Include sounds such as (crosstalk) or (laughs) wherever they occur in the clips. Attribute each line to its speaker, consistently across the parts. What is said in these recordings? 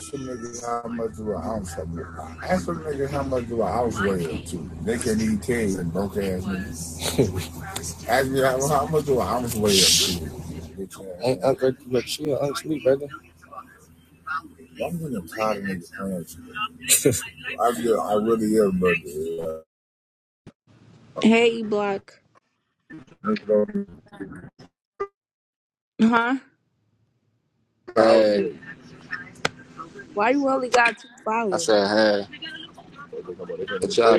Speaker 1: Ask some niggas how much of a house I live. Ask some niggas how much of a house weigh up to. They can't even tell you, broke ass niggas. Ask me how, how much of a house weigh up to. Ain't Uncle look, she an Uncle Lee, brother. I'm getting tired of niggas playing. (laughs) I feel, I really am, brother.
Speaker 2: Hey, E Block. Huh?
Speaker 1: Hey,
Speaker 2: Why you only got two
Speaker 1: I
Speaker 2: followers?
Speaker 1: said hey, what y'all tell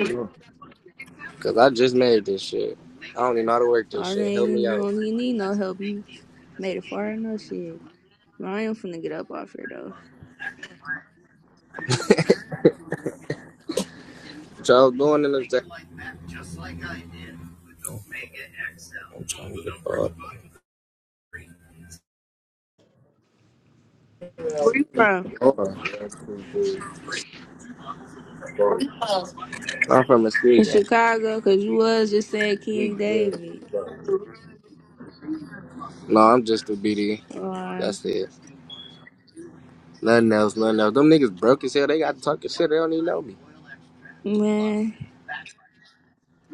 Speaker 1: Cause I just made this shit. I don't even know how to work this
Speaker 2: I
Speaker 1: shit.
Speaker 2: ain't
Speaker 1: Help me
Speaker 2: you
Speaker 1: out.
Speaker 2: don't even need no help. You made it far enough, shit. Well, I am finna get up off here though.
Speaker 1: What y'all doing in this day? I'm trying to get
Speaker 2: Where you from?
Speaker 1: far. I'm from
Speaker 2: In
Speaker 1: Muskegon.
Speaker 2: Chicago, cause you was just saying King David.
Speaker 1: No, I'm just a BD.
Speaker 2: Or
Speaker 1: That's it. Nothing else, nothing else. Them niggas broke as hell. They got talking shit. They don't even know me.
Speaker 2: man,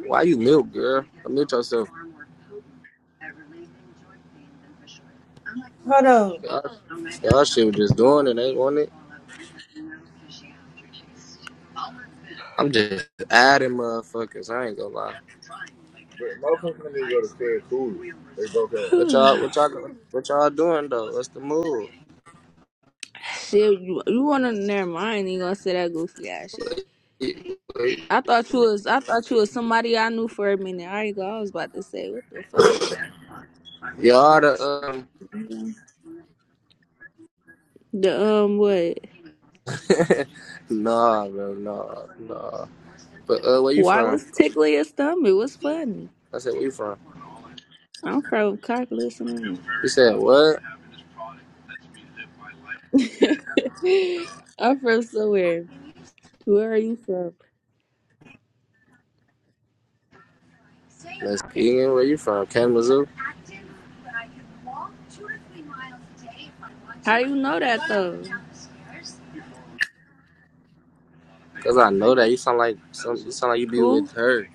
Speaker 1: Why you mute, girl? Mute yourself.
Speaker 3: Hold on.
Speaker 1: Y'all, y'all shit was just doing it. Ain't want it. I'm just adding motherfuckers. I ain't gonna lie. But motherfuckers need to go to stay cool. They broke ass. What y'all,
Speaker 2: (sighs)
Speaker 1: what y'all, what y'all doing though? What's the move?
Speaker 2: shit. You, you wanna? Never mind. I ain't even gonna say that goofy ass shit.
Speaker 1: Y-
Speaker 2: I thought you was. I thought you was somebody I knew for a minute. I ain't go. I was about to say, what the fuck?
Speaker 1: Y'all the um,
Speaker 2: The um, what?
Speaker 1: (laughs) nah, bro, nah, nah. But uh, where you
Speaker 2: Why
Speaker 1: from?
Speaker 2: was tickling your stomach? What's funny?
Speaker 1: I said, where you from?
Speaker 2: I'm from Cockless. I'm
Speaker 1: You said what?
Speaker 2: (laughs) I'm from somewhere. Where are you from?
Speaker 1: Let's begin. where you from? Kalamazoo?
Speaker 2: How you know that though?
Speaker 1: Cause I know that you sound like some. You sound like you be
Speaker 2: Who?
Speaker 1: with her.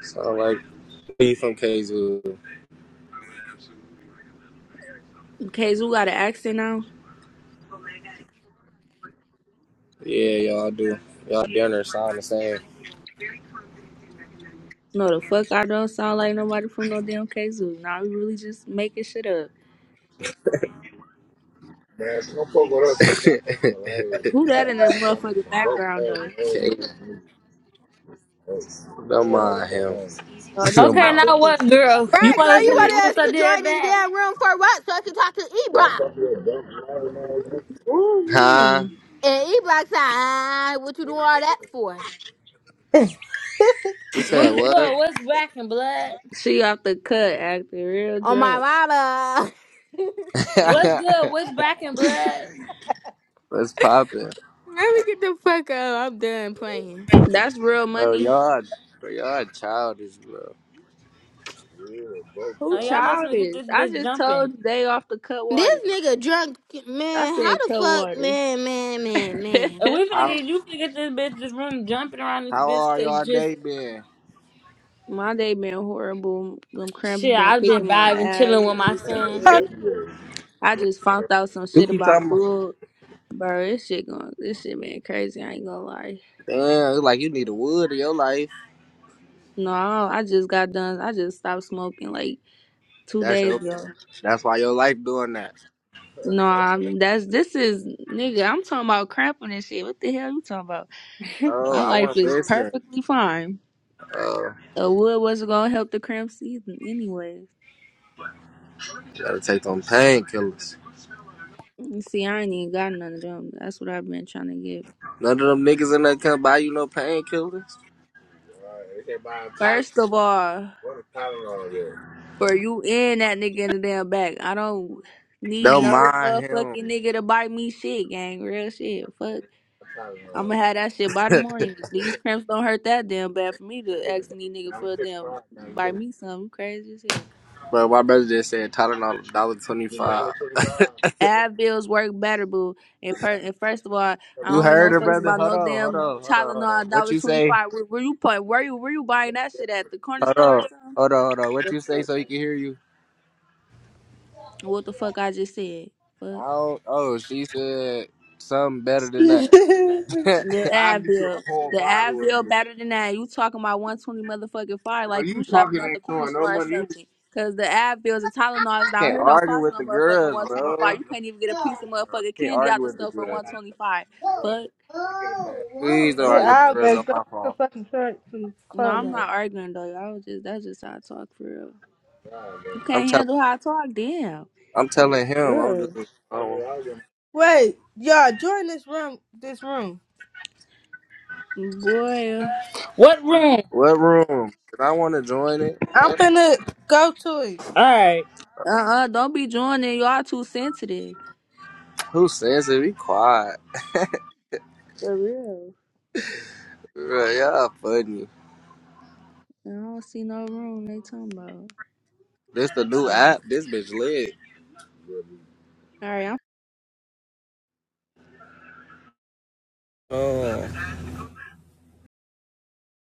Speaker 1: Sound like you from KZoo.
Speaker 2: Kazoo got an accent now?
Speaker 1: Yeah, y'all do. Y'all dinner sound the same.
Speaker 2: No, the fuck I don't sound like nobody from no damn Kazoo. Now we really just making shit up.
Speaker 1: Man, don't fuck with us
Speaker 2: Who that in the motherfucking background though?
Speaker 1: (laughs) K, Don't mind him.
Speaker 2: Oh,
Speaker 1: (laughs)
Speaker 2: these
Speaker 1: Don't
Speaker 2: my
Speaker 4: Okay, now
Speaker 1: mind
Speaker 2: bitches.
Speaker 4: what,
Speaker 2: So,
Speaker 4: girl? You
Speaker 2: yeah.
Speaker 5: Right, girl,
Speaker 4: want to
Speaker 5: you
Speaker 4: send
Speaker 1: him.
Speaker 4: this
Speaker 5: wanted us
Speaker 4: group I
Speaker 5: to
Speaker 4: did it
Speaker 5: join this
Speaker 4: back?
Speaker 5: damn room for what? So I can talk to E Block.
Speaker 2: Ooh,
Speaker 1: Huh?
Speaker 2: man. (laughs)
Speaker 5: And E Block said, ah, what you doing all that for?
Speaker 1: You said
Speaker 4: What's good?
Speaker 1: what?
Speaker 4: What's back and blood?
Speaker 2: She off the cut acting real
Speaker 5: On my
Speaker 2: drunk.
Speaker 5: mama.
Speaker 1: (laughs)
Speaker 4: What's good? What's back and blood?
Speaker 1: What's poppin'?
Speaker 5: (laughs) Let me get the fuck up. I'm done playing.
Speaker 2: That's real
Speaker 1: Bro,
Speaker 2: money.
Speaker 1: y'all, bro, y'all childish, bro.
Speaker 4: Oh,
Speaker 2: Who
Speaker 4: y'all must finna get
Speaker 2: childish?
Speaker 4: this
Speaker 2: I
Speaker 4: bitch
Speaker 2: just
Speaker 4: jumping.
Speaker 2: told you they off the cut
Speaker 5: This
Speaker 2: water.
Speaker 5: nigga drunk,
Speaker 2: I
Speaker 5: man. How
Speaker 2: said
Speaker 5: the
Speaker 2: cold
Speaker 5: fuck,
Speaker 2: water.
Speaker 5: man, man,
Speaker 2: (laughs)
Speaker 5: man, man.
Speaker 4: And we finna get you finna get this bitch this room jumping around this
Speaker 1: How
Speaker 4: bitch
Speaker 1: are y'all
Speaker 4: cause just
Speaker 1: day been?
Speaker 2: my day been horrible. Them cramps
Speaker 4: shit.
Speaker 2: been
Speaker 4: I've been
Speaker 2: kicking my
Speaker 4: vibing,
Speaker 2: ass.
Speaker 4: chilling with
Speaker 2: It's
Speaker 4: my
Speaker 2: just been,
Speaker 4: son.
Speaker 2: ugh. I just found out some
Speaker 1: You
Speaker 2: shit
Speaker 1: keep
Speaker 2: about
Speaker 1: talking about
Speaker 2: dude. Bro, this shit going, this shit been crazy. I ain't gonna lie.
Speaker 1: Damn, it's like you need a wood in your life.
Speaker 2: No, I just got done. I just stopped smoking like two
Speaker 1: That's
Speaker 2: days
Speaker 1: your
Speaker 2: ago.
Speaker 1: that's why your life doing that.
Speaker 2: No, I'm, that's this is nigga. I'm talking about cramping and shit. What the hell you talking about?
Speaker 1: Oh,
Speaker 2: My
Speaker 1: I
Speaker 2: life
Speaker 1: wasn't
Speaker 2: is
Speaker 1: listening.
Speaker 2: perfectly fine.
Speaker 1: Oh,
Speaker 2: A wood wasn't gonna help the cramps either, anyway.
Speaker 1: gotta take them painkillers.
Speaker 2: You See, I ain't even got none of them. That's what I've been trying to get.
Speaker 1: None of them niggas in there can't buy you no painkillers. Right. They can't buy a Tylenol.
Speaker 2: First of all,
Speaker 1: What a Tylenol there.
Speaker 2: for you and that nigga in the damn back, I don't need
Speaker 1: Don't
Speaker 2: no
Speaker 1: mind
Speaker 2: motherfucking
Speaker 1: him.
Speaker 2: nigga to buy me shit, gang. Real shit. Fuck. I'ma
Speaker 1: Tylenol.
Speaker 2: have that shit by the morning. These cramps don't hurt that damn bad for me to ask any
Speaker 1: fifty-five.
Speaker 2: nigga for a damn buy me something. You crazy as hell.
Speaker 1: Bro, my brother just said Tylenol dollar twenty-five. (laughs)
Speaker 2: Advils work better, boo. And, per- and first of all, I
Speaker 1: you
Speaker 2: don't get
Speaker 1: heard
Speaker 2: no
Speaker 1: her,
Speaker 2: fucks
Speaker 1: brother.
Speaker 2: about
Speaker 1: Hold
Speaker 2: no
Speaker 1: on, hold
Speaker 2: damn
Speaker 1: on, hold on, hold
Speaker 2: Tylenol,
Speaker 1: on.
Speaker 2: a
Speaker 1: What
Speaker 2: dollar
Speaker 1: you
Speaker 2: twenty
Speaker 1: say?
Speaker 2: five. Where, where you put? Where you where you buying that shit at the corner
Speaker 1: Hold
Speaker 2: store or
Speaker 1: on,
Speaker 2: something?
Speaker 1: hold on, hold on. What
Speaker 2: The
Speaker 1: you say
Speaker 2: fuck?
Speaker 1: so he can hear you?
Speaker 2: What the fuck I just said? Fuck.
Speaker 1: I don't. Oh, she said something better than that. (laughs)
Speaker 3: (laughs)
Speaker 2: The
Speaker 1: I get you
Speaker 2: Advil.
Speaker 1: a whole
Speaker 2: The
Speaker 1: bottle of
Speaker 2: Advil
Speaker 1: them.
Speaker 2: better than that. You talking about 120 motherfucking fire
Speaker 1: Bro,
Speaker 2: like
Speaker 1: you
Speaker 2: you shopping at the corner store or something. Cause the Advils and Tylenols down
Speaker 1: Can't
Speaker 2: here don't
Speaker 1: argue
Speaker 2: cost
Speaker 1: with
Speaker 2: no
Speaker 1: the
Speaker 2: motherfucking
Speaker 1: girls, Oh, bro.
Speaker 2: 125. You can't even get a piece of motherfucking
Speaker 1: They
Speaker 2: candy out
Speaker 1: argue
Speaker 2: the
Speaker 1: with the
Speaker 2: store for
Speaker 1: girls.
Speaker 2: 125. Fuck.
Speaker 1: Please don't
Speaker 2: Fuck is
Speaker 3: Get
Speaker 1: argue with
Speaker 2: you
Speaker 1: the
Speaker 3: out,
Speaker 2: talking-
Speaker 1: girls
Speaker 3: baby.
Speaker 1: on
Speaker 3: Go put
Speaker 1: my
Speaker 3: some
Speaker 1: phone.
Speaker 3: fucking shirt, some
Speaker 2: No,
Speaker 3: clothes
Speaker 2: I'm
Speaker 3: on.
Speaker 2: not arguing though. I was just that's just how I talk for real. You
Speaker 1: I'm
Speaker 2: can't
Speaker 1: telling,
Speaker 2: handle how I talk, damn.
Speaker 1: I'm telling him. I'm
Speaker 2: Yeah.
Speaker 1: just. I
Speaker 3: Wait, y'all join this room. This room.
Speaker 2: Boy. Uh
Speaker 4: What room?
Speaker 1: what room? Did I want to join it?
Speaker 3: I'm
Speaker 1: Fuck.
Speaker 3: finna go to it.
Speaker 4: All right.
Speaker 2: uh-uh, uh, do not be joining. Y'all too sensitive.
Speaker 1: Who says it? Be quiet.
Speaker 2: For real.
Speaker 1: Girl, y'all funny.
Speaker 2: I don't see no room they talking about.
Speaker 1: This the
Speaker 2: Oh.
Speaker 1: new
Speaker 2: All
Speaker 1: app.
Speaker 2: right,
Speaker 1: This bitch lit.
Speaker 2: I'm
Speaker 1: Oh.